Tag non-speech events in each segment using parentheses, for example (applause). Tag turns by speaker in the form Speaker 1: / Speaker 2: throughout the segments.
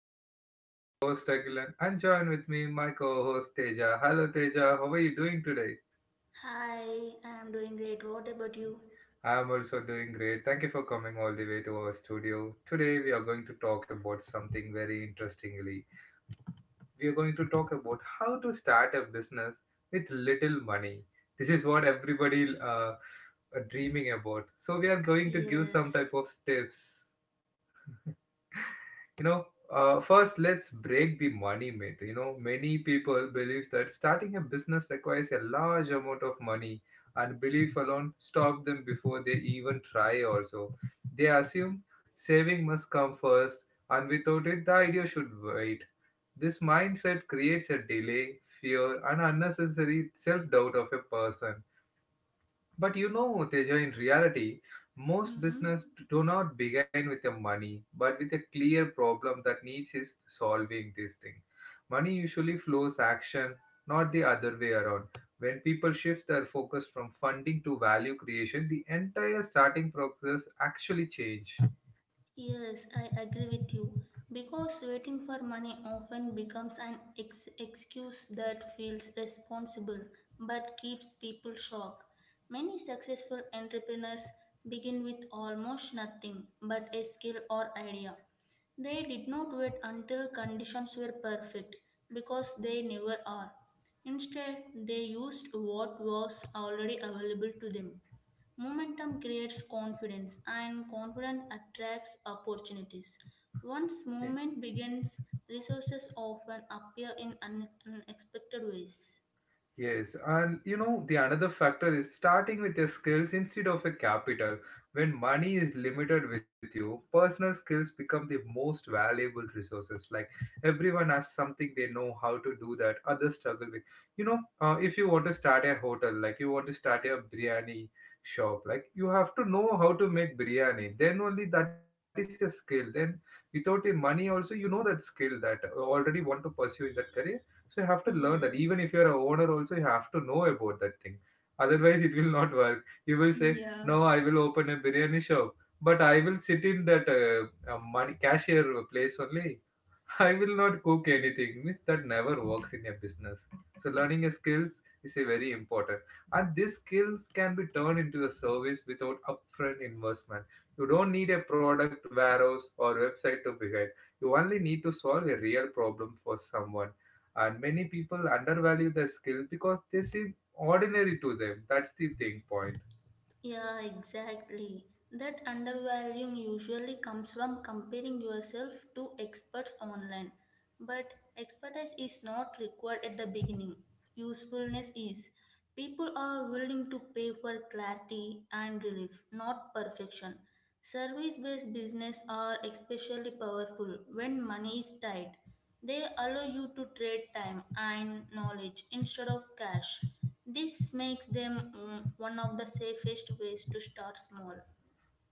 Speaker 1: podcast. This is your host Agilan and join with me my co-host Teja. Hello Teja, how are you doing today?
Speaker 2: Hi, I'm doing great. What about you?
Speaker 1: I am also doing great. Thank you for coming all the way to our studio. Today we are going to talk about something very interestingly. We are going to talk about how to start a business with little money. This is what everybody are dreaming about. So we are going to give some
Speaker 2: Yes.
Speaker 1: type of tips. (laughs) You know, First, let's break the money myth. You know, many people believe that starting a business requires a large amount of money, and belief alone stop them before they even try. Also, they assume saving must come first, and without it, the idea should wait. This mindset creates a delay, fear, and unnecessary self doubt of a person. But you know, Teja, in reality, most
Speaker 2: Mm-hmm.
Speaker 1: business do not begin with the money, but with a clear problem that needs is solving this thing. Money usually flows action, not the other way around. When people shift their focus from funding to value creation, the entire starting process actually change.
Speaker 2: Yes, I agree with you. Because waiting for money often becomes an excuse that feels responsible but keeps people shocked. Many successful entrepreneurs begin with almost nothing but a skill or idea. They did not wait until conditions were perfect because they never are. Instead, they used what was already available to them. Momentum creates confidence, and confidence attracts opportunities. Once
Speaker 1: Eh,
Speaker 2: movement begins, resources often appear in unexpected ways.
Speaker 1: Yes, and you know, the another factor is starting with your skills instead of a capital. When money is limited with you, personal skills become the most valuable resources. Like everyone has something they know how to do that others struggle with. If you want to start a hotel, like you want to start a biryani shop, like you have to know how to make biryani. Then only that is a skill. Then without the money also, you know that skill that already want to pursue in that career, so you have to learn that. Even if
Speaker 2: Yes.
Speaker 1: you're a owner, also you have to know about that thing. Otherwise, it will not work. You will say,
Speaker 2: (laughs) Yeah.
Speaker 1: "No, I will open a biryani shop, but I will sit in that money cashier place only. I will not cook anything. Means that never works in a business. So learning a skills is a very important. And these skills can be turned into a service without upfront investment. You don't need a product, warehouse, or website to begin. You only need to solve a real problem for someone. And many people undervalue their skill because they seem ordinary to them. That's the thing point.
Speaker 2: Yeah, exactly. That undervaluing usually comes from comparing yourself to experts online. But expertise is not required at the beginning. Usefulness is. People are willing to pay for clarity and relief, not perfection. Service based business are especially powerful when money is tight. They allow you to trade time and knowledge instead of cash. This makes them one of the safest ways to start small.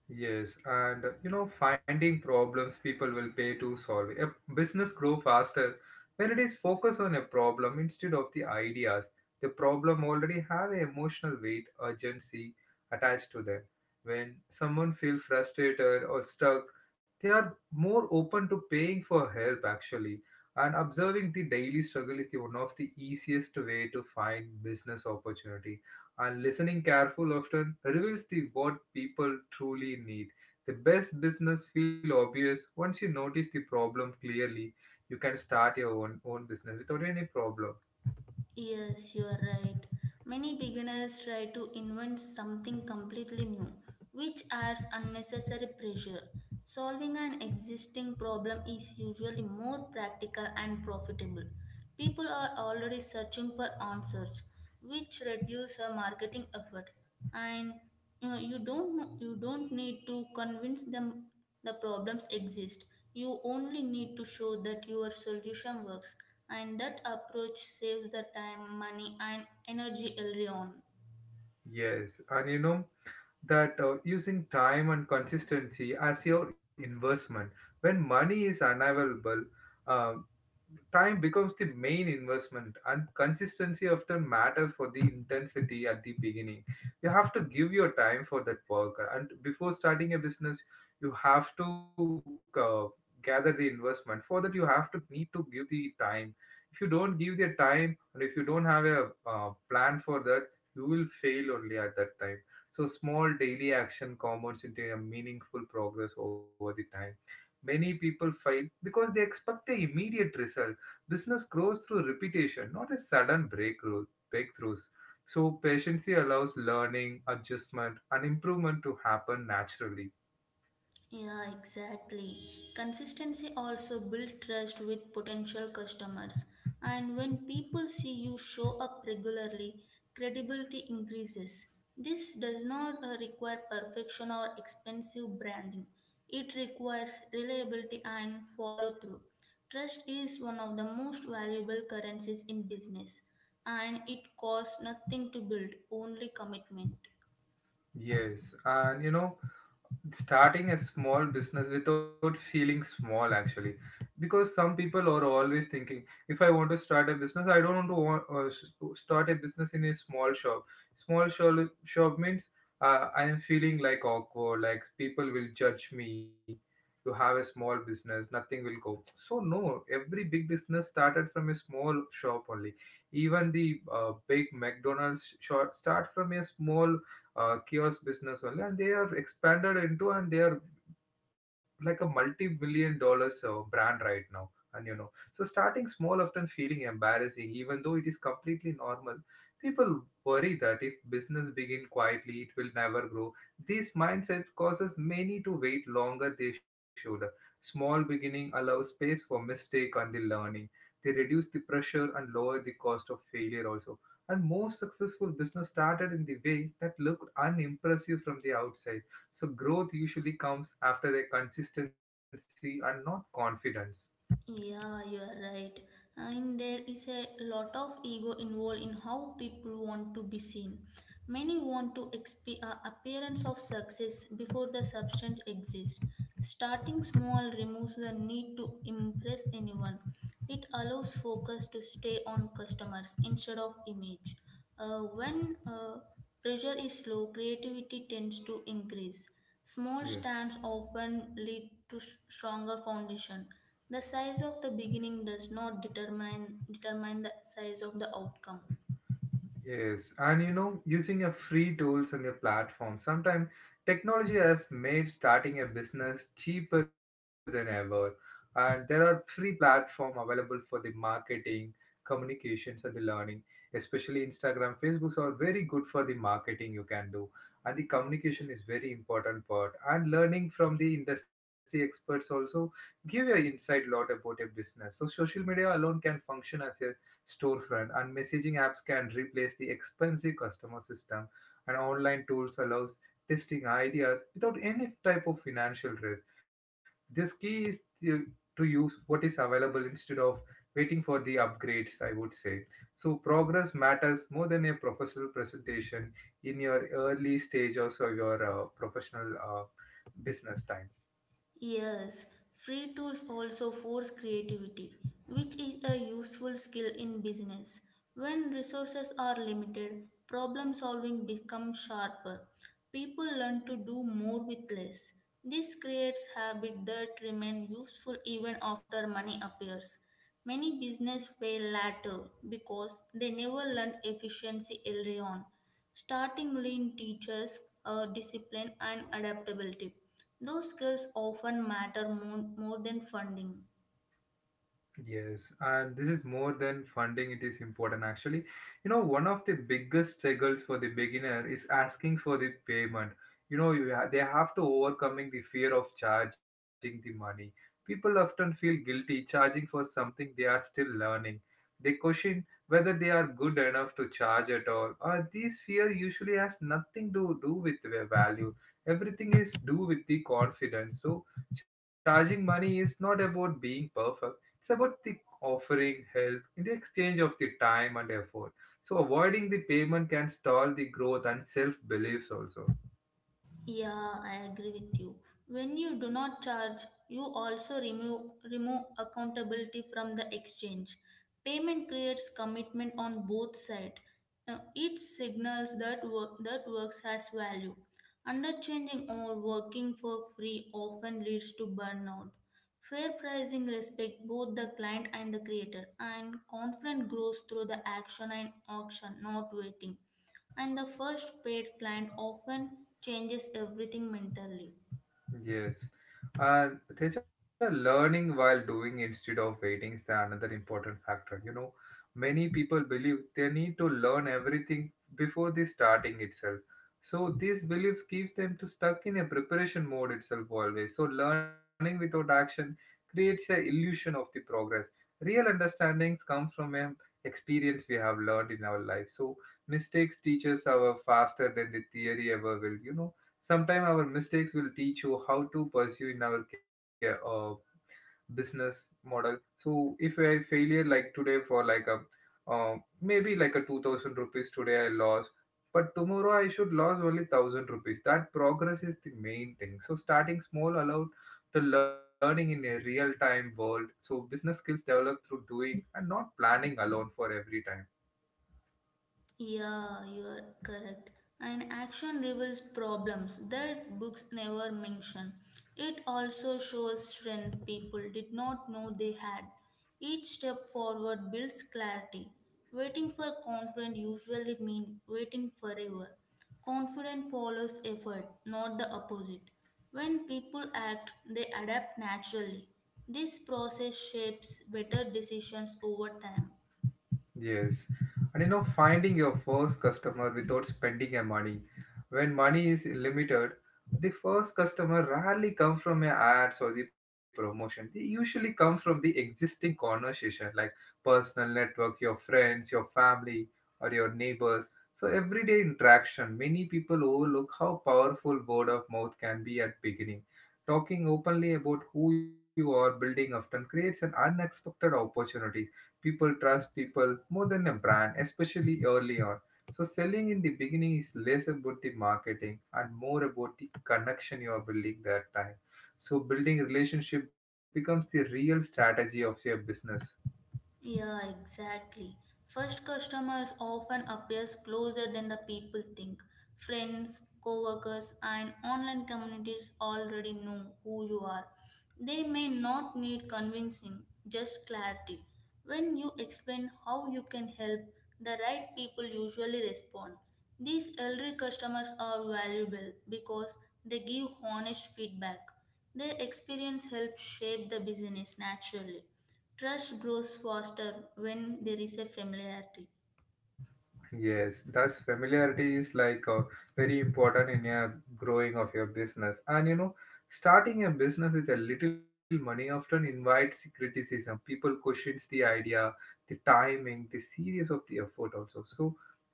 Speaker 1: Yes, and you know, finding problems people will pay to solve. A business grow faster when it is focused on a problem instead of the ideas. The problem already have an emotional weight, urgency attached to them. When someone feel frustrated or stuck, they are more open to paying for help actually. And observing the daily struggle is the one of the easiest way to find business opportunity, and listening careful often reveals the what people truly need. The best business feel obvious once you notice the problem clearly. You can start your own business without any problem.
Speaker 2: Yes, you're right. Many beginners try to invent something completely new, which adds unnecessary pressure. Solving an existing problem is usually more practical and profitable. People are already searching for answers, which reduce our marketing effort. And you don't need to convince them the problems exist. You only need to show that your solution works, and that approach saves the time, money, and energy early on.
Speaker 1: Yes, and you know that using time and consistency as your investment. When money is unavailable, uh, time becomes the main investment, and consistency often matters for the intensity. At the beginning, you have to give your time for that work, and before starting a business, you have to gather the investment. For that, you have to need to give the time. If you don't give the time, and if you don't have a plan for that, you will fail only at that time. So small daily action compounds into a meaningful progress over the time. Many people fail because they expect an immediate result. Business grows through repetition, not a sudden breakthroughs. So, patience allows learning, adjustment, and improvement to happen naturally.
Speaker 2: Yeah, exactly. Consistency also builds trust with potential customers. And when people see you show up regularly, credibility increases. This does not require perfection or expensive branding. It requires reliability and follow through. Trust is one of the most valuable currencies in business, and it costs nothing to build, only commitment.
Speaker 1: Yes, and you know, starting a small business without feeling small actually. Because some people are always thinking, if I want to start a business, I don't want to want, s- start a business in a small shop. Shop means I am feeling like awkward, like people will judge me. You have a small business, nothing will go. So no, every big business started from a small shop only. Even the big McDonald's shop start from a small kiosk business only, and they are expanded into, and they are like a multi-billion dollars brand right now. And you know, so starting small often feeling embarrassing, even though it is completely normal. People worry that if business begin quietly, it will never grow. This mindset causes many to wait longer they should. Small beginning allows space for mistake and the learning. They reduce the pressure and lower the cost of failure also. And most successful business started in the way that looked unimpressive from the outside. So growth usually comes after a consistency and not confidence.
Speaker 2: Yeah, you are right. And there is a lot of ego involved in how people want to be seen. Many want to appearance of success before the substance exists. Starting small removes the need to impress anyone. It allows focus to stay on customers instead of image. When pressure is low, creativity tends to increase. Small
Speaker 1: Yes.
Speaker 2: stands often lead to stronger foundation. The size of the beginning does not determine the size of the outcome.
Speaker 1: Yes, and you know, using a free tools and a platform, sometimes technology has made starting a business cheaper than ever. And there are free platform available for the marketing, communications, and the learning. Especially Instagram, Facebooks are very good for the marketing you can do, and the communication is very important part. And learning from the industry experts also give you insight lot about a business. So social media alone can function as a storefront, and messaging apps can replace the expensive customer system, and online tools allows testing ideas without any type of financial risk. This key is to use what is available instead of waiting for the upgrades, I would say. So progress matters more than a professional presentation in your early stage, also your professional business time.
Speaker 2: Yes, free tools also force creativity, which is a useful skill in business. When resources are limited, problem solving becomes sharper. People learn to do more with less. This creates habits that remain useful even after money appears. Many business fail later because they never learned efficiency early on. Starting lean teaches discipline and adaptability. Those skills often matter more than funding.
Speaker 1: Yes, and this is more than funding, it is important actually. You know, one of the biggest struggles for the beginner is asking for the payment. You know, they have to overcoming the fear of charging the money. People often feel guilty charging for something they are still learning. They question whether they are good enough to charge at all. Or this fear usually has nothing to do with their value. Everything is do with the confidence. So charging money is not about being perfect, it's about the offering help in the exchange of the time and effort. So avoiding the payment can stall the growth and self beliefs also.
Speaker 2: Yeah, I agree with you. When you do not charge, you also remove accountability from the exchange. Payment creates commitment on both sides. It signals that works has value. Underchanging or working for free often leads to burnout. Fair pricing respects both the client and the creator, and confidence grows through the action and auction, not waiting. And the first paid client often changes everything mentally.
Speaker 1: Yes. And Teja, learning while doing instead of waiting is the another important factor. You know, many people believe they need to learn everything before the starting itself. So these beliefs keeps them to stuck in a preparation mode itself always. So learning without action creates a illusion of the progress. Real understandings come from experience we have learned in our life. So mistakes teach us our faster than the theory ever will. You know, sometimes our mistakes will teach you how to pursue in our business model. So if I failure like today, for like a uh, maybe like a 2,000 rupees today I lost, but tomorrow I should lose only 1,000 rupees. That progress is the main thing. So starting small allowed to learning in a real time world. So business skills develop through doing and not planning alone for every time.
Speaker 2: Yeah, you are correct. And action reveals problems that books never mention. It also shows strength people did not know they had. Each step forward builds clarity. Waiting for confidence usually means waiting forever. Confidence follows effort, not the opposite. When people act, they adapt naturally. This process shapes better decisions over time.
Speaker 1: Yes, and you know, finding your first customer without spending your money. When money is limited, the first customer rarely come from your ads or the promotion. They usually come from the existing conversation, like personal network, your friends, your family, or your neighbors. So everyday interaction. Many people overlook how powerful word of mouth can be at beginning. Talking openly about who you are building often creates an unexpected opportunity. People trust people more than a brand, especially early on. So selling in the beginning is less about the marketing and more about the connection you are building that time. So building relationship becomes the real strategy of your business.
Speaker 2: Yeah, exactly. First customers often appears closer than the people think. Friends, coworkers, and online communities already know who you are. They may not need convincing, just clarity. When you explain how you can help, the right people usually respond. These elderly customers are valuable because they give honest feedback. Their experience helps shape the business naturally. Trust grows faster when there is a familiarity.
Speaker 1: Yes, thus familiarity is like very important in your growing of your business. And you know, starting a business with a little money often invites criticism. People questions the idea, the timing, the serious of the effort also. So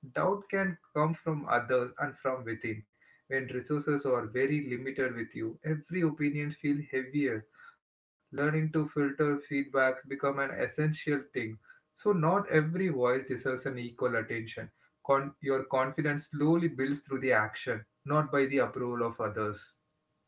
Speaker 1: doubt can come from others and from within. When resources are very limited with you, every opinion feels heavier. Learning to filter feedbacks become an essential thing. So not every voice deserves an equal attention. Your confidence slowly builds through the action, not by the approval of others.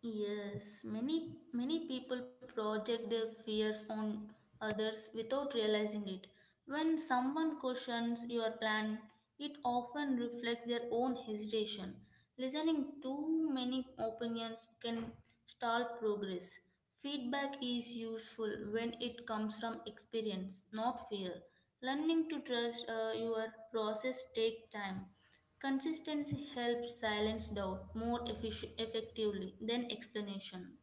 Speaker 2: Yes, many people project their fears on others without realizing it. When someone questions your plan, it often reflects their own hesitation. Listening too many opinions can stall progress. Feedback is useful when it comes from experience, not fear. Learning to trust your process take time. Consistency helps silence doubt more effectively than explanation.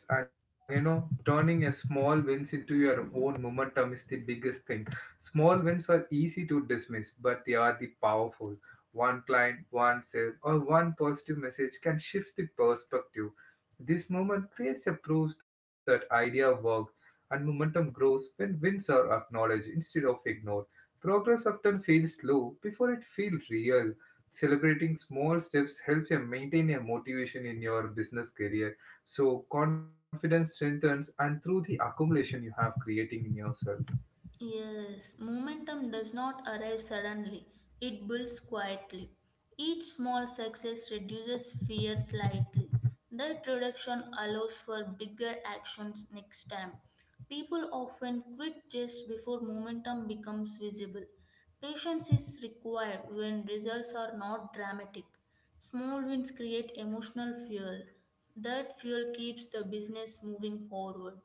Speaker 1: Yes, and you know, turning a small wins into your own momentum is the biggest thing. Small wins are easy to dismiss, but they are the powerful. One client, one sale, or one positive message can shift the perspective. This moment creates a proof that idea worked, and momentum grows when wins are acknowledged instead of ignored. Progress often feels slow before it feels real. Celebrating small steps helps you maintain a motivation in your business career. So confidence strengthens and through the accumulation you have creating in yourself.
Speaker 2: Yes, momentum does not arrive suddenly, it builds quietly. Each small success reduces fear slightly. That reduction allows for bigger actions next time. People often quit just before momentum becomes visible. Patience is required when results are not dramatic. Small wins create emotional fuel. That fuel keeps the business moving forward.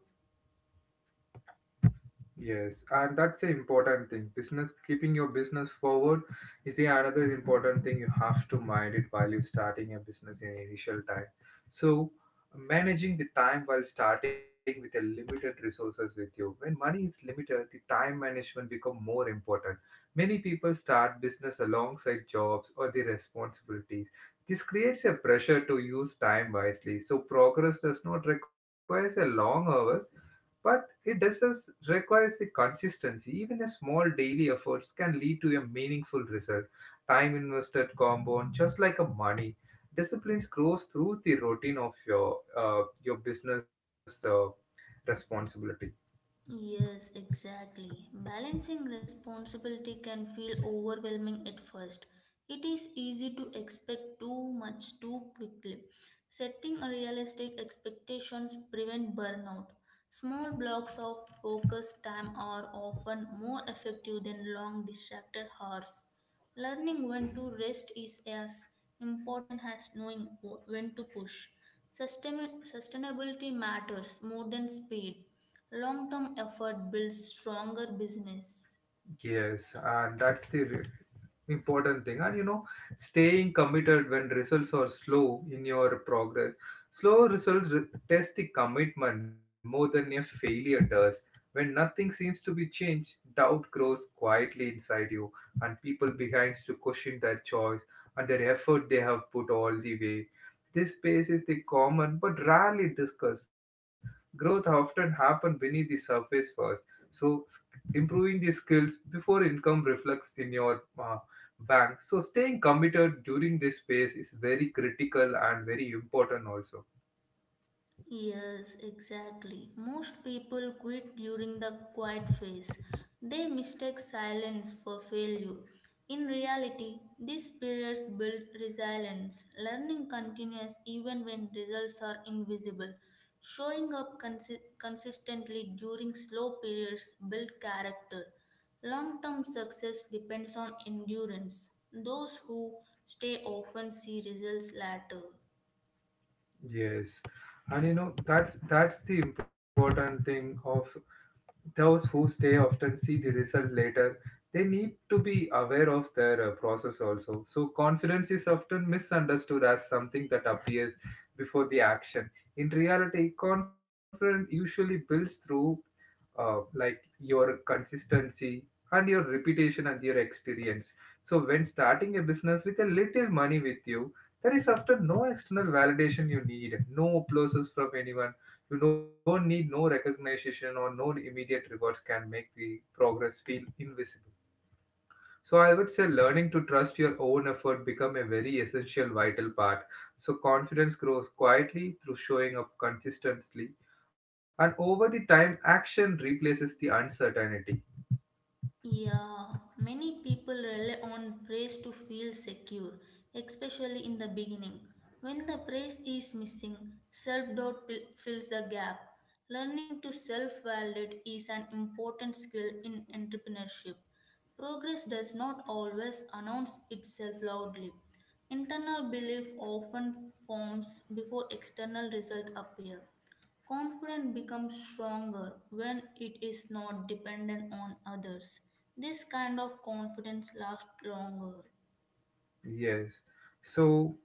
Speaker 1: Yes, and that's an important thing. Business keeping your business forward is the another important thing you have to mind it while you're starting a business in initial time. So managing the time while starting with a limited resources with you. When money is limited, the time management become more important. Many people start business alongside jobs or the responsibilities. This creates a pressure to use time wisely. So progress does not require a long hours but it does us requires the consistency. Even a small daily efforts can lead to a meaningful result. Time invested compound just like a money. Disciplines grows through the routine of your business responsibilities.
Speaker 2: Yes, exactly. Balancing responsibility can feel overwhelming at first. It is easy to expect too much too quickly. Setting realistic expectations prevent burnout. Small blocks of focused time are often more effective than long distracted hours. Learning when to rest is as important as knowing when to push. Sustainability matters more than speed. Long term effort builds stronger business.
Speaker 1: Yes, and that's the important thing. And you know, staying committed when results are slow in your progress. Slow results test the commitment more than a failure does. When nothing seems to be changed, doubt grows quietly inside you, and people behind to question their choice and their effort they have put all the way. This space is the common but rarely discussed. Growth often happens beneath the surface first. So improving the skills before income reflects in your bank, so staying committed during this phase is very critical and very important also.
Speaker 2: Yes, exactly. Most people quit during the quiet phase. They mistake silence for failure. In reality, these periods build resilience. Learning continues even when results are invisible. Showing up consistently during slow periods builds character. Long term success depends on endurance. Those who stay often see results later.
Speaker 1: Yes, and you know that's the important thing of those who stay often see the result later. They need to be aware of their process also. So confidence is often misunderstood as something that appears before the action. In reality, confidence usually builds through like your consistency and your reputation and your experience. So when starting a business with a little money with you, there is often no external validation you need, no applauses from anyone. You don't need no recognition or no immediate rewards can make the progress feel invisible. So I would say learning to trust your own effort become a very essential vital part. So confidence grows quietly through showing up consistently, and over the time action replaces the uncertainty.
Speaker 2: Yeah, many people rely on praise to feel secure, especially in the beginning. When the praise is missing, self doubt fills the gap. Learning to self validate is an important skill in entrepreneurship. Progress does not always announce itself loudly. Internal belief often forms before external results appear. Confidence becomes stronger when it is not dependent on others. This kind of confidence lasts longer.
Speaker 1: Yes. So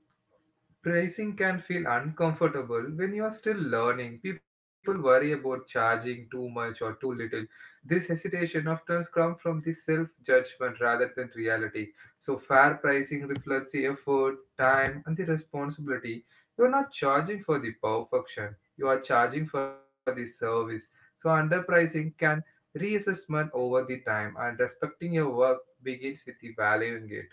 Speaker 1: pricing can feel uncomfortable when you are still learning. People worry about charging too much or too little. This hesitation often comes from the self judgment rather than reality. So fair pricing reflects the effort, time, and the responsibility. You are not charging for the perfection, you are charging for the service. So underpricing can reassessment over the time, and respecting your work begins with the valuing it.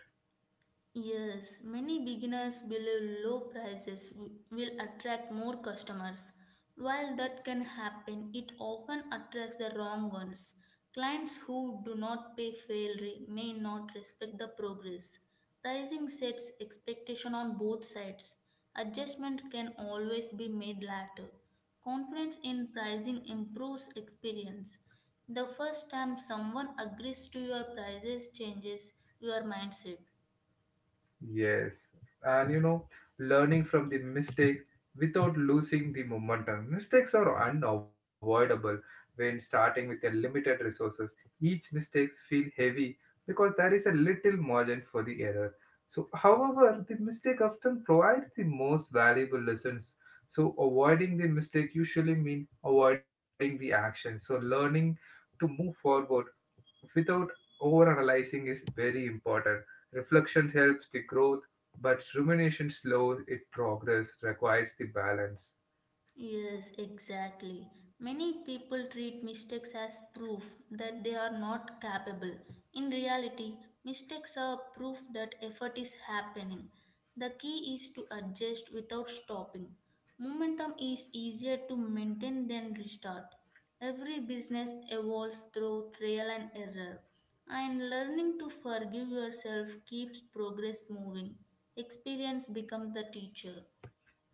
Speaker 2: Yes, many beginners believe low prices will attract more customers. While that can happen, it often attracts the wrong ones. Clients who do not pay fairly may not respect the progress. Pricing sets expectation on both sides. Adjustment can always be made later. Confidence in pricing improves experience. The first time someone agrees to your prices changes your mindset.
Speaker 1: Yes, and you know, learning from the mistake without losing the momentum. Mistakes are unavoidable when starting with a limited resources. Each mistakes feel heavy because there is a little margin for the error. So however, the mistake often provides the most valuable lessons. So avoiding the mistake usually means avoiding the action. So learning to move forward without overanalyzing is very important. Reflection helps the growth, but rumination slows it progress, requires the balance.
Speaker 2: Yes, exactly. Many people treat mistakes as proof that they are not capable. In reality, mistakes are proof that effort is happening. The key is to adjust without stopping. Momentum is easier to maintain than restart. Every business evolves through trial and error, and learning to forgive yourself keeps progress moving. Experience becomes the teacher.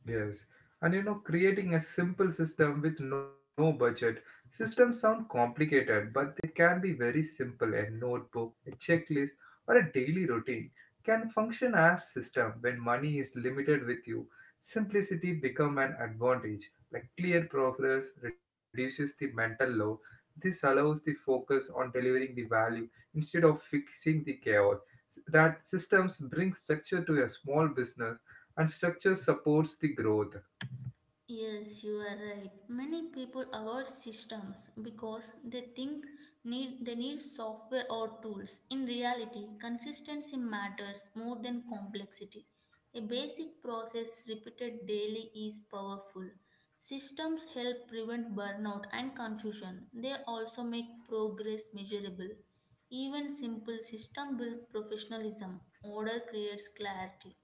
Speaker 1: Yes. And you know, creating a simple system with no budget. Systems sound complicated, but they can be very simple. A notebook, a checklist, or a daily routine can function as system when money is limited with you. Simplicity become an advantage. Like clear progress reduces the mental load. This allows the focus on delivering the value instead of fixing the chaos. That systems bring structure to a small business and structure supports the growth.
Speaker 2: Yes, you are right. Many people avoid systems because they think need they need software or tools. In reality, consistency matters more than complexity. A basic process repeated daily is powerful. Systems help prevent burnout and confusion. They also make progress measurable. Even simple system build professionalism. Order creates clarity.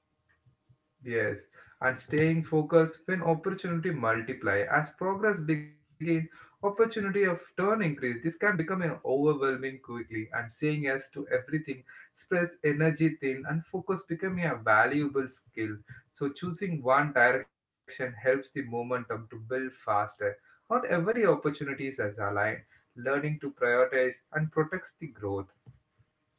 Speaker 1: Yes, and staying focused when opportunity multiply as progress begin, opportunity of turn increase, this can become an overwhelming quickly, and saying yes to everything spreads energy thin and focus becoming a valuable skill. So choosing one direction helps the momentum to build faster. Not every opportunity is as aligned. Learning to prioritize and protects the growth.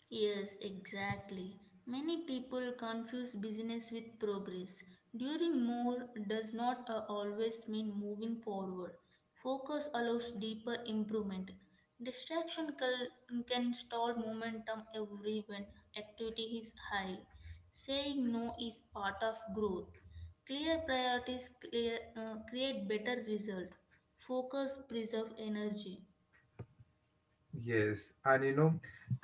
Speaker 2: Yes, exactly. Many people confuse business with progress. Doing more does not always mean moving forward. Focus allows deeper improvement. Distraction can stall momentum every when activity is high. Saying no is part of growth. Clear priorities create better result. Focus preserve energy.
Speaker 1: Yes, and you know that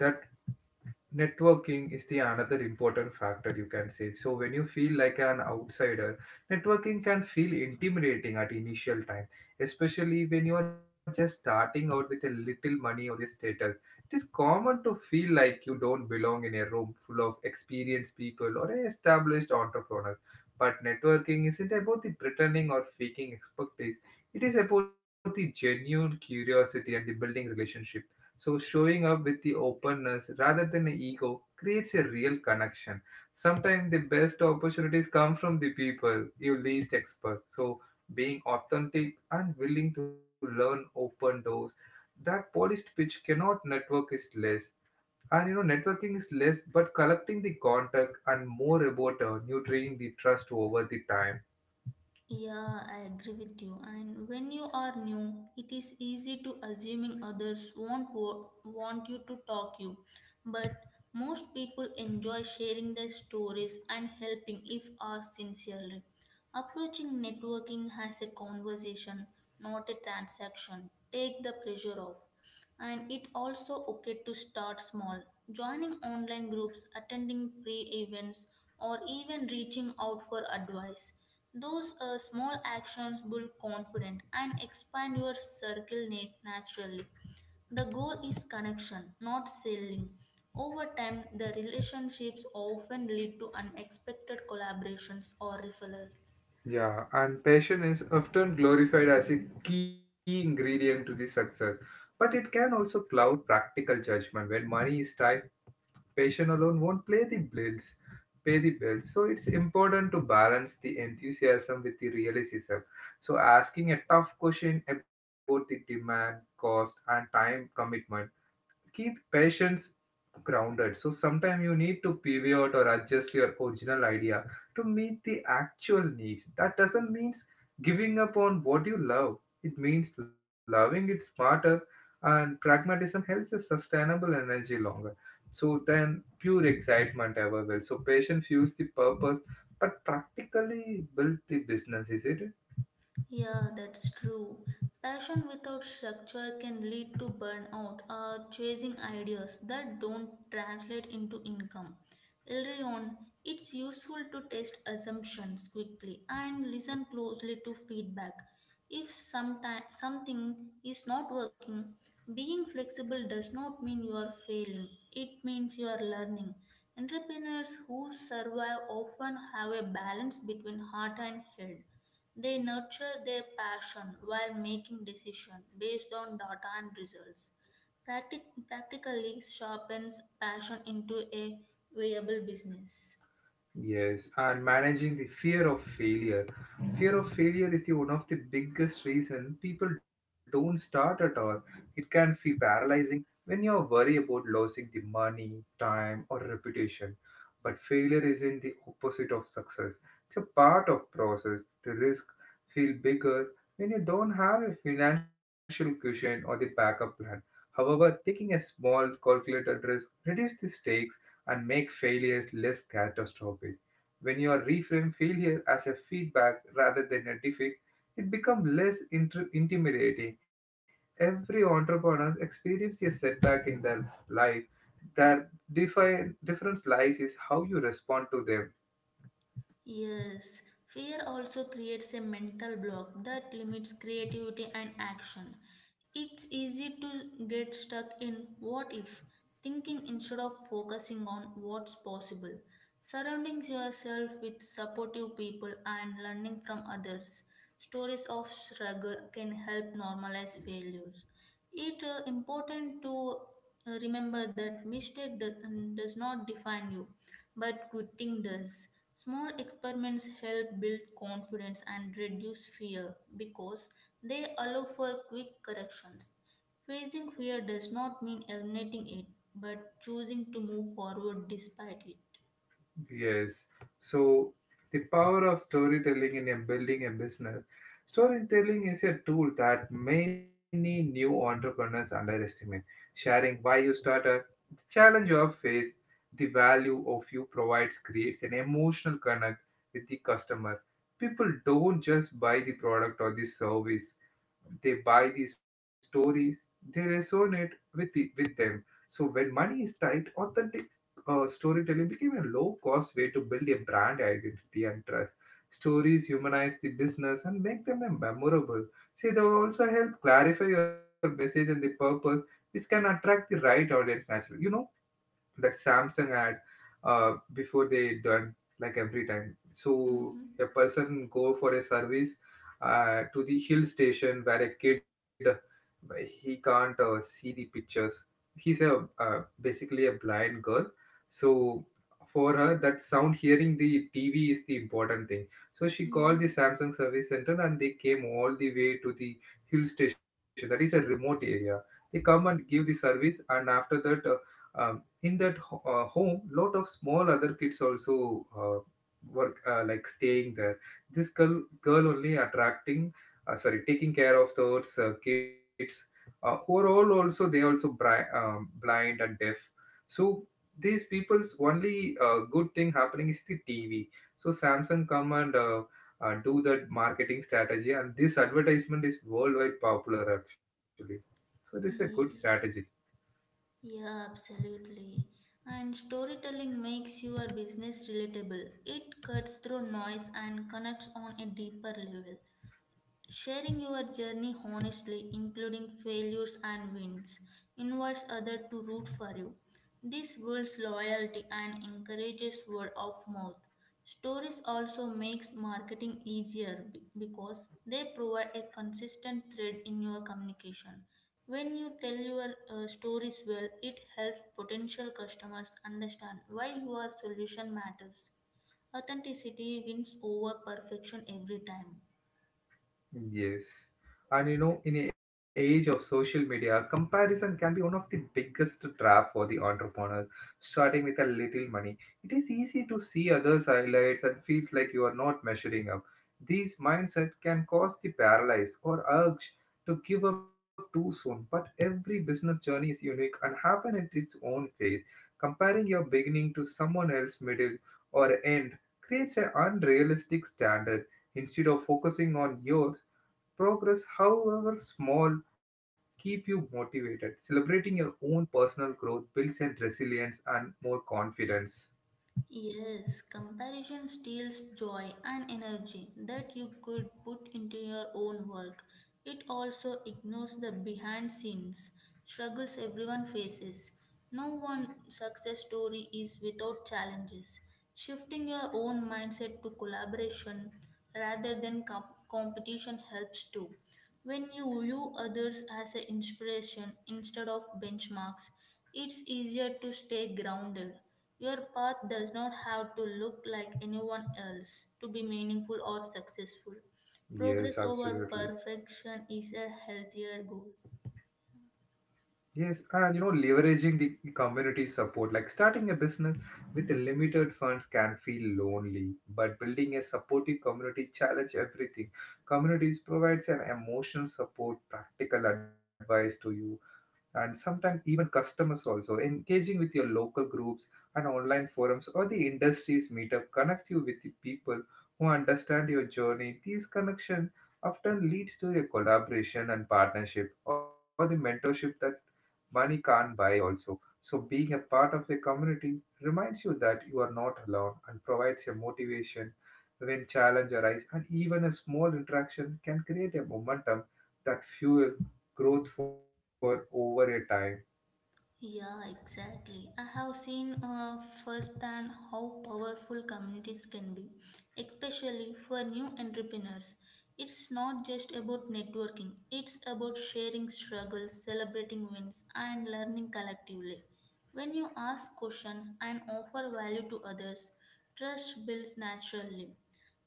Speaker 1: networking is the another important factor you can say. So when you feel like an outsider, networking can feel intimidating at initial time, especially when you are just starting out with a little money or a status. It is common to feel like you don't belong in a room full of experienced people or established entrepreneurs, but networking isn't about the pretending or faking expertise. It is about the genuine curiosity and the building relationships. So showing up with the openness rather than the ego creates a real connection. Sometimes the best opportunities come from the people you least expect. So being authentic and willing to learn open doors. That polished pitch cannot network is less. And you know, networking is less, but collecting the contact and more about nurturing the trust over the time.
Speaker 2: Yeah, I agree with you. And when you are new, it is easy to assuming others won't want you to talk you. But most people enjoy sharing their stories and helping if asked sincerely. Approaching networking as a conversation not a transaction. Take the pressure off. And it also okay to start small. Joining online groups, attending free events, or even reaching out for advice. Those small actions build confidence and expand your circle naturally. The goal is connection, not selling. Over time, the relationships often lead to unexpected collaborations or referrals.
Speaker 1: Yeah, and passion is often glorified as a key ingredient to the success, but it can also cloud practical judgment. When money is tight, passion alone won't play the bills, pay the bills. So it's important to balance the enthusiasm with the realism. So asking a tough question about the demand, cost, and time commitment keep patients grounded. So sometimes you need to pivot or adjust your original idea to meet the actual needs. That doesn't mean giving up on what you love. It means loving it smarter, and pragmatism helps a sustainable energy longer. So then pure excitement ever will. So patient fuels the purpose but practically built the business, is it?
Speaker 2: Yeah, that's true. Passion without structure can lead to burnout or chasing ideas that don't translate into income. Early on, it's useful to test assumptions quickly and listen closely to feedback. If something is not working, being flexible does not mean you are failing, it means you are learning. Entrepreneurs who survive often have a balance between heart and head. They nurture their passion while making decisions based on data and results. Practically sharpens passion into a viable business.
Speaker 1: Yes, and managing the fear of failure. Fear of failure is the one of the biggest reason people don't start at all. It can feel paralyzing when you're worried about losing the money, time, or reputation. But failure isn't the opposite of success. It's a part of process. The risk feel bigger when you don't have a financial cushion or the backup plan. However, taking a small calculated risk reduces the stakes and make failures less catastrophic. When you are reframe failure as a feedback rather than a defeat, it becomes less intimidating. Every entrepreneur experiences a setback in their life. Their difference lies is how you respond to them.
Speaker 2: Yes, fear also creates a mental block that limits creativity and action. It's easy to get stuck in what if, thinking instead of focusing on what's possible. Surrounding yourself with supportive people and learning from others, stories of struggle can help normalize failures. It's important to remember that mistake does not define you but good thing does, small experiments help build confidence and reduce fear because they allow for quick corrections. Facing fear does not mean eliminating it, but choosing to move forward despite it.
Speaker 1: Yes. So the power of storytelling in a building a business. Storytelling is a tool that many new entrepreneurs underestimate. Sharing why you started, the challenge you have faced, the value of you provides creates an emotional connect with the customer. People don't just buy the product or the service, they buy these stories, they resonate with them. So when money is tight, authentic storytelling became a low cost way to build a brand identity and trust. Stories humanize the business and make them memorable. See, they will also help clarify your message and the purpose, which can attract the right audience naturally. You know that Samsung ad before they done, like every time. So
Speaker 2: Mm-hmm.
Speaker 1: a person go for a service to the hill station where a kid he can't see the pictures. He's a basically a blind girl. So for her that sound hearing the TV is the important thing. So she called the
Speaker 2: Mm-hmm.
Speaker 1: Samsung service center and they came all the way to the hill station. That is a remote area. They come and give the service and after that. Um, in that home lot of small other kids also work, like staying there. This girl only attracting, sorry, taking care of those kids who are all also, they also blind and deaf. So these people's only good thing happening is the TV. So Samsung come and do that marketing strategy, and this advertisement is worldwide popular actually. So this is a good strategy.
Speaker 2: Yeah, yeah, absolutely. And storytelling makes your business relatable. It cuts through noise and connects on a deeper level. Sharing your journey honestly, including failures and wins, invites others to root for you. This builds loyalty and encourages word of mouth. Stories also makes marketing easier because they provide a consistent thread in your communication. When you tell your stories well, it helps potential customers understand why your solution matters. Authenticity wins over perfection every time.
Speaker 1: Yes. And you know, in the age of social media, comparison can be one of the biggest trap for the entrepreneur. Starting with a little money, it is easy to see others' highlights and feels like you are not measuring up. These mindset can cause the paralyze or urge to give up too soon. But every business journey is unique and happen at its own pace. Comparing your beginning to someone else's middle or end creates an unrealistic standard. Instead of focusing on yours, progress, however small, keep you motivated. Celebrating your own personal growth builds and resilience and more confidence.
Speaker 2: Yes, comparison steals joy and energy that you could put into your own work. It also ignores the behind scenes struggles everyone faces. No one success story is without challenges. Shifting your own mindset to collaboration rather than competition helps too. When you view others as an inspiration instead of benchmarks, it's easier to stay grounded. Your path does not have to look like anyone else to be meaningful or successful.
Speaker 1: Yes,
Speaker 2: Progress over
Speaker 1: absolutely.
Speaker 2: perfection is a healthier goal.
Speaker 1: Yes, and you know, leveraging the community support, like starting a business with limited funds can feel lonely, but building a supportive community challenge everything. Communities provides an emotional support, practical advice to you, and sometimes even customers also. Engaging with your local groups and online forums or the industries meetup connect you with the people who understand your journey. These connections often leads to a collaboration and partnership or the mentorship that money can't buy also. So being a part of a community reminds you that you are not alone and provides a motivation when challenge arise, and even a small interaction can create a momentum that fuel growth for over a time.
Speaker 2: Yeah, exactly. I have seen firsthand how powerful communities can be, especially for new entrepreneurs. It's not just about networking, it's about sharing struggles, celebrating wins, and learning collectively. When you ask questions and offer value to others, trust builds naturally.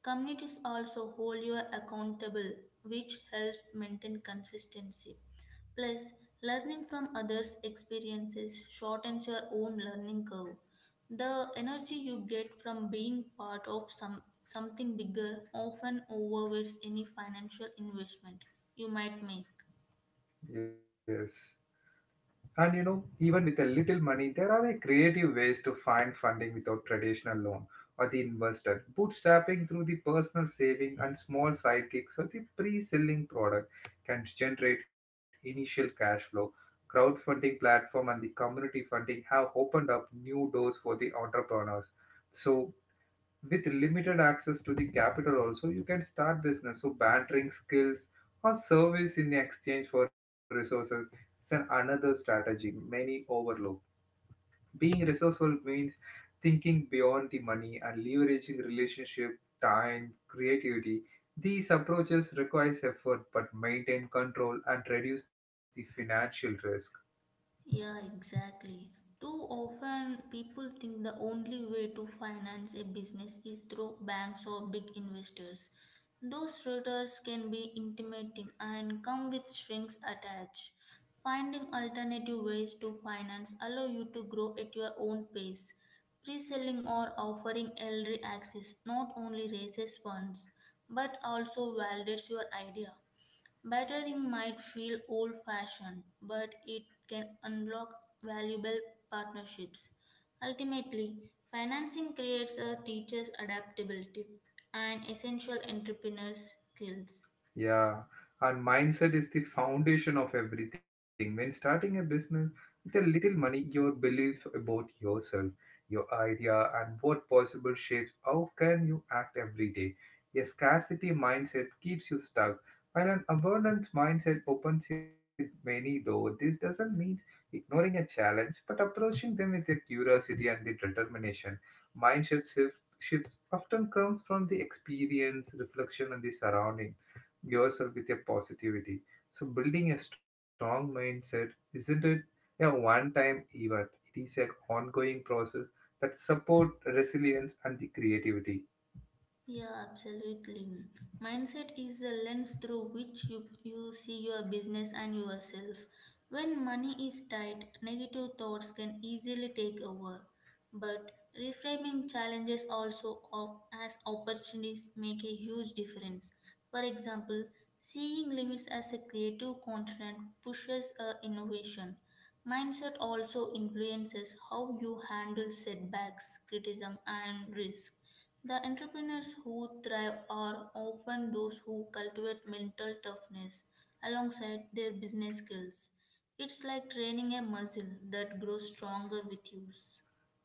Speaker 2: Communities also hold you accountable, which helps maintain consistency. Plus, learning from others' experiences shortens your own learning curve. The energy you get from being part of something bigger often overweights any financial investment you might make.
Speaker 1: Yes. And you know, even with a little money, there are a creative ways to find funding without traditional loan or the investor. Bootstrapping through the personal saving and small sidekicks or the pre-selling product can generate initial cash flow. Crowdfunding platform and the community funding have opened up new doors for the entrepreneurs. So with limited access to the capital also you can start business so bantering skills or service in exchange for resources is an another strategy many overlook being resourceful means thinking beyond the money and leveraging relationship time creativity these approaches requires effort but maintain control and reduce the financial risk.
Speaker 2: Yeah, exactly. Too often, people think the only way to finance a business is through banks or big investors. Those routers can be intimidating and come with strings attached. Finding alternative ways to finance allow you to grow at your own pace. Pre-selling or offering early access not only raises funds but also validates your idea. Battering might feel old fashioned, but it can unlock valuable partnerships. Ultimately, financing creates a teacher's adaptability and essential entrepreneur skills.
Speaker 1: Yeah, and mindset is the foundation of everything. When starting a business with a little money, your belief about yourself, your idea, and what possible shapes how can you act every day. A scarcity mindset keeps you stuck, while an abundance mindset opens you many doors. This doesn't mean ignoring a challenge, but approaching them with a curiosity and the determination. Mindset shifts often come from the experience, reflection, and the surrounding yourself with your positivity. So building a strong mindset isn't it a one-time event. It is an ongoing process that support resilience and the creativity.
Speaker 2: Yeah, absolutely. Mindset is the lens through which you see your business and yourself. When money is tight, negative thoughts can easily take over. But reframing challenges as opportunities make a huge difference. For example, seeing limits as a creative constraint pushes innovation. Mindset also influences how you handle setbacks, criticism, and risk. The entrepreneurs who thrive are often those who cultivate mental toughness alongside their business skills. It's like training a muscle that grows stronger with use.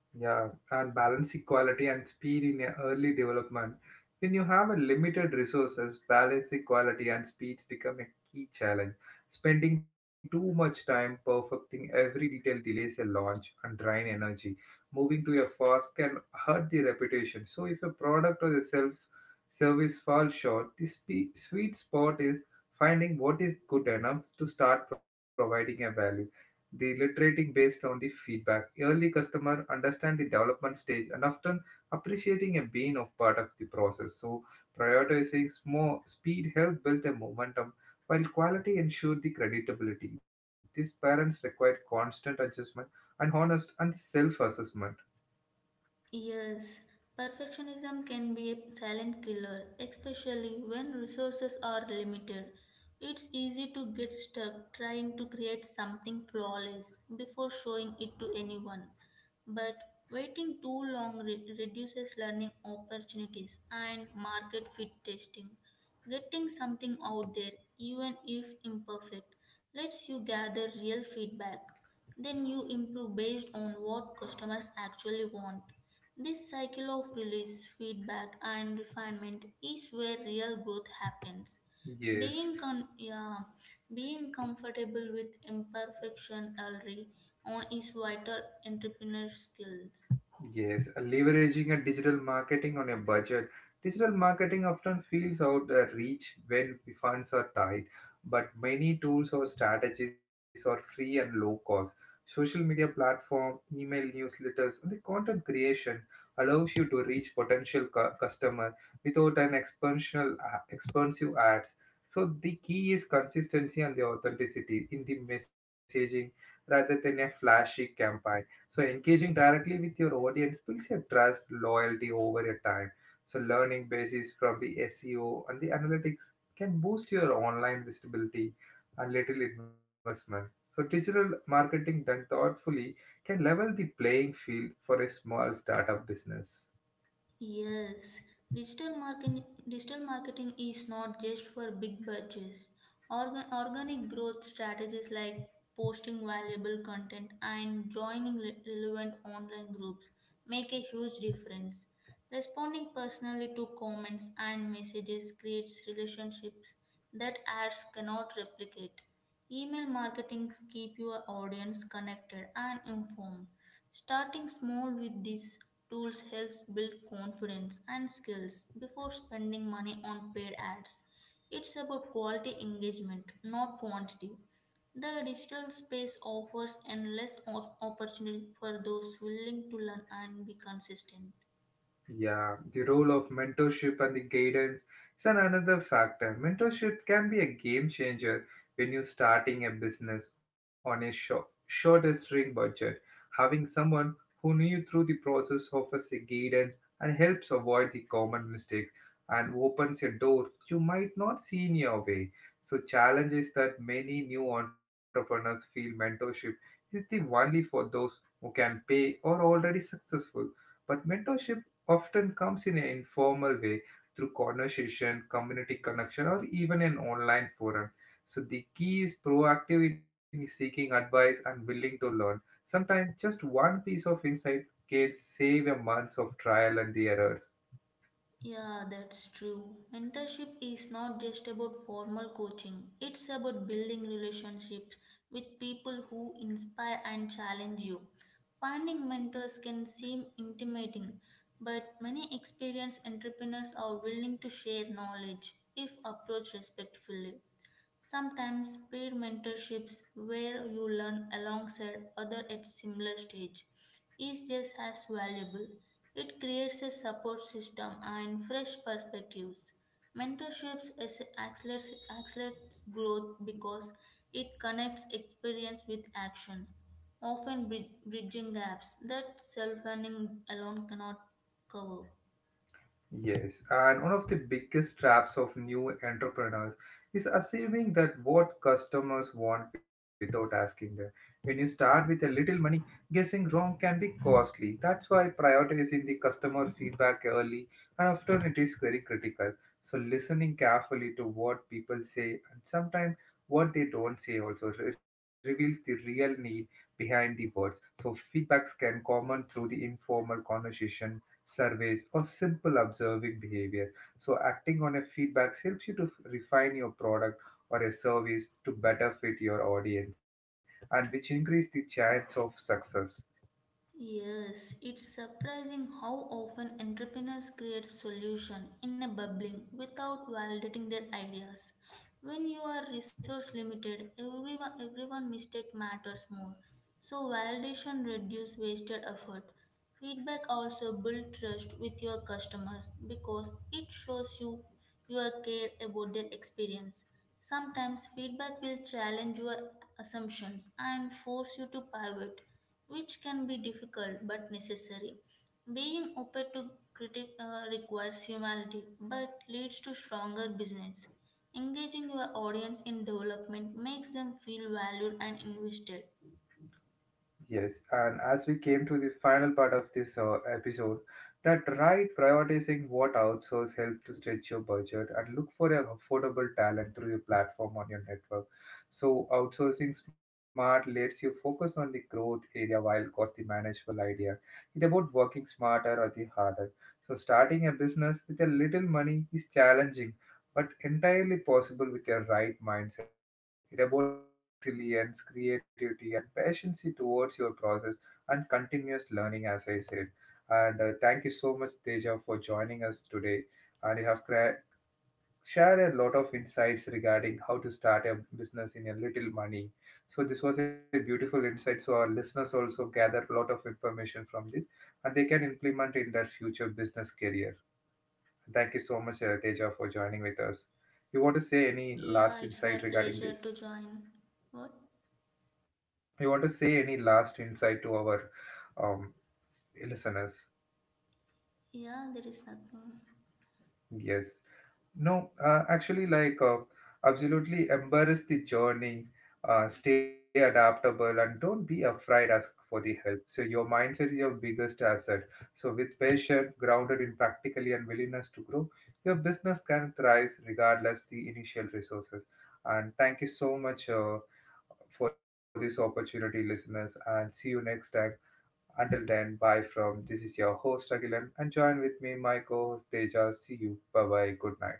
Speaker 1: Yeah, and balancing quality and speed in a early development. When you have a limited resources, balancing quality and speed become a key challenge. Spending too much time perfecting every detail delays a launch and drain energy. Moving to a fast can hurt the reputation. So if a product or a self service falls short, the sweet spot is finding what is good enough to start providing a value the literating based on the feedback. Early customer understand the development stage and often appreciating a being of part of the process. So prioritizing more speed help build a momentum while quality ensure the creditability. These parents require constant adjustment and honest and self-assessment.
Speaker 2: Yes, perfectionism can be a silent killer, especially when resources are limited. It's easy to get stuck trying to create something flawless before showing it to anyone. But waiting too long reduces learning opportunities and market fit testing. Getting something out there, even if imperfect, lets you gather real feedback. Then you improve based on what customers actually want. This cycle of release, feedback, and refinement is where real growth happens.
Speaker 1: Yes.
Speaker 2: Being con- yeah, being comfortable with imperfection early on is vital entrepreneur skills.
Speaker 1: Yes, leveraging a digital marketing on a budget. Digital marketing often feels out of reach when funds are tight, but many tools or strategies are free and low cost. Social media platform, email newsletters, and the content creation allows you to reach potential customer without an expansional expensive ads. So the key is consistency and the authenticity in the messaging rather than a flashy campaign. So engaging directly with your audience builds your trust, loyalty over your time. So learning basis from the SEO and the analytics can boost your online visibility and little investment. So digital marketing done thoughtfully can level the playing field for a small startup business.
Speaker 2: Yes, digital marketing is not just for big budgets. Organic growth strategies like posting valuable content and joining relevant online groups make a huge difference. Responding personally to comments and messages creates relationships that ads cannot replicate. Email marketing keep your audience connected and informed. Starting small with these tools helps build confidence and skills before spending money on paid ads. It's about quality engagement, not quantity. The digital space offers endless opportunities for those willing to learn and be consistent.
Speaker 1: Yeah, the role of mentorship and the guidance is an another factor. Mentorship can be a game changer when you're starting a business on a shorter string budget. Having someone who knew you through the process offers a guidance and helps avoid the common mistakes and opens a door you might not see in your way. So challenge is that many new entrepreneurs feel mentorship is the only for those who can pay or already successful but mentorship often comes in an informal way through conversation, community connection, or even an online forum. So the key is proactive in seeking advice and willing to learn. Sometimes just one piece of insight can save a month of trial and the errors.
Speaker 2: Yeah, that's true. Mentorship is not just about formal coaching, it's about building relationships with people who inspire and challenge you. Finding mentors can seem intimidating, but many experienced entrepreneurs are willing to share knowledge if approached respectfully. Sometimes peer mentorships where you learn alongside others at similar stage is just as valuable. It creates a support system and fresh perspectives. Mentorships accelerates growth because it connects experience with action, often bridging gaps that self-learning alone cannot cover.
Speaker 1: Yes, and one of the biggest traps of new entrepreneurs is assuming that what customers want without asking them. When you start with a little money, guessing wrong can be costly. That's why prioritizing the customer feedback early and often it is very critical. So listening carefully to what people say and sometimes what they don't say also reveals the real need behind the words. So feedbacks can come on through the informal conversation surveys, or simple observing behavior. So, acting on a feedback helps you to refine your product or a service to better fit your audience and which increase the chance of success.
Speaker 2: Yes, it's surprising how often entrepreneurs create solution in a bubbling without validating their ideas. When you are resource limited, everyone mistake matters more. So validation reduce wasted effort. Feedback also build trust with your customers because it shows you your care about their experience. Sometimes feedback will challenge your assumptions and force you to pivot, which can be difficult but necessary. Being open to critic requires humility but leads to stronger business. Engaging your audience in development makes them feel valued and invested.
Speaker 1: Yes, and as we came to the final part of this episode, that right prioritizing what outsource help to stretch your budget and look for an affordable talent through your platform on your network. So outsourcing smart lets you focus on the growth area while cost the manageable idea. It about working smarter or the harder. So starting a business with a little money is challenging, but entirely possible with your right mindset it about the resilience, creativity, and patience towards your process and continuous learning, as I said. And thank you so much, Teja, for joining us today. And you have shared a lot of insights regarding how to start a business in a little money. So this was a beautiful insight. So our listeners also gathered a lot of information from this, and they can implement in their future business career. Thank you so much, Teja, for joining with us. You want to say any
Speaker 2: Yeah, it's my
Speaker 1: last insight
Speaker 2: pleasure to
Speaker 1: regarding this?
Speaker 2: join. What?
Speaker 1: You want to say any last insight to our um, listeners?
Speaker 2: Yeah, there is nothing.
Speaker 1: Yes. No, actually, like, absolutely embrace the journey, stay adaptable, and don't be afraid ask for the help. So, your mindset is your biggest asset. So, with passion, grounded in practically, and willingness to grow, your business can thrive regardless the initial resources. And thank you so much for this opportunity, listeners, and see you next time. Until then, bye from this is your host Agilan and join with me my co-host Teja. See you. Bye bye. Good night.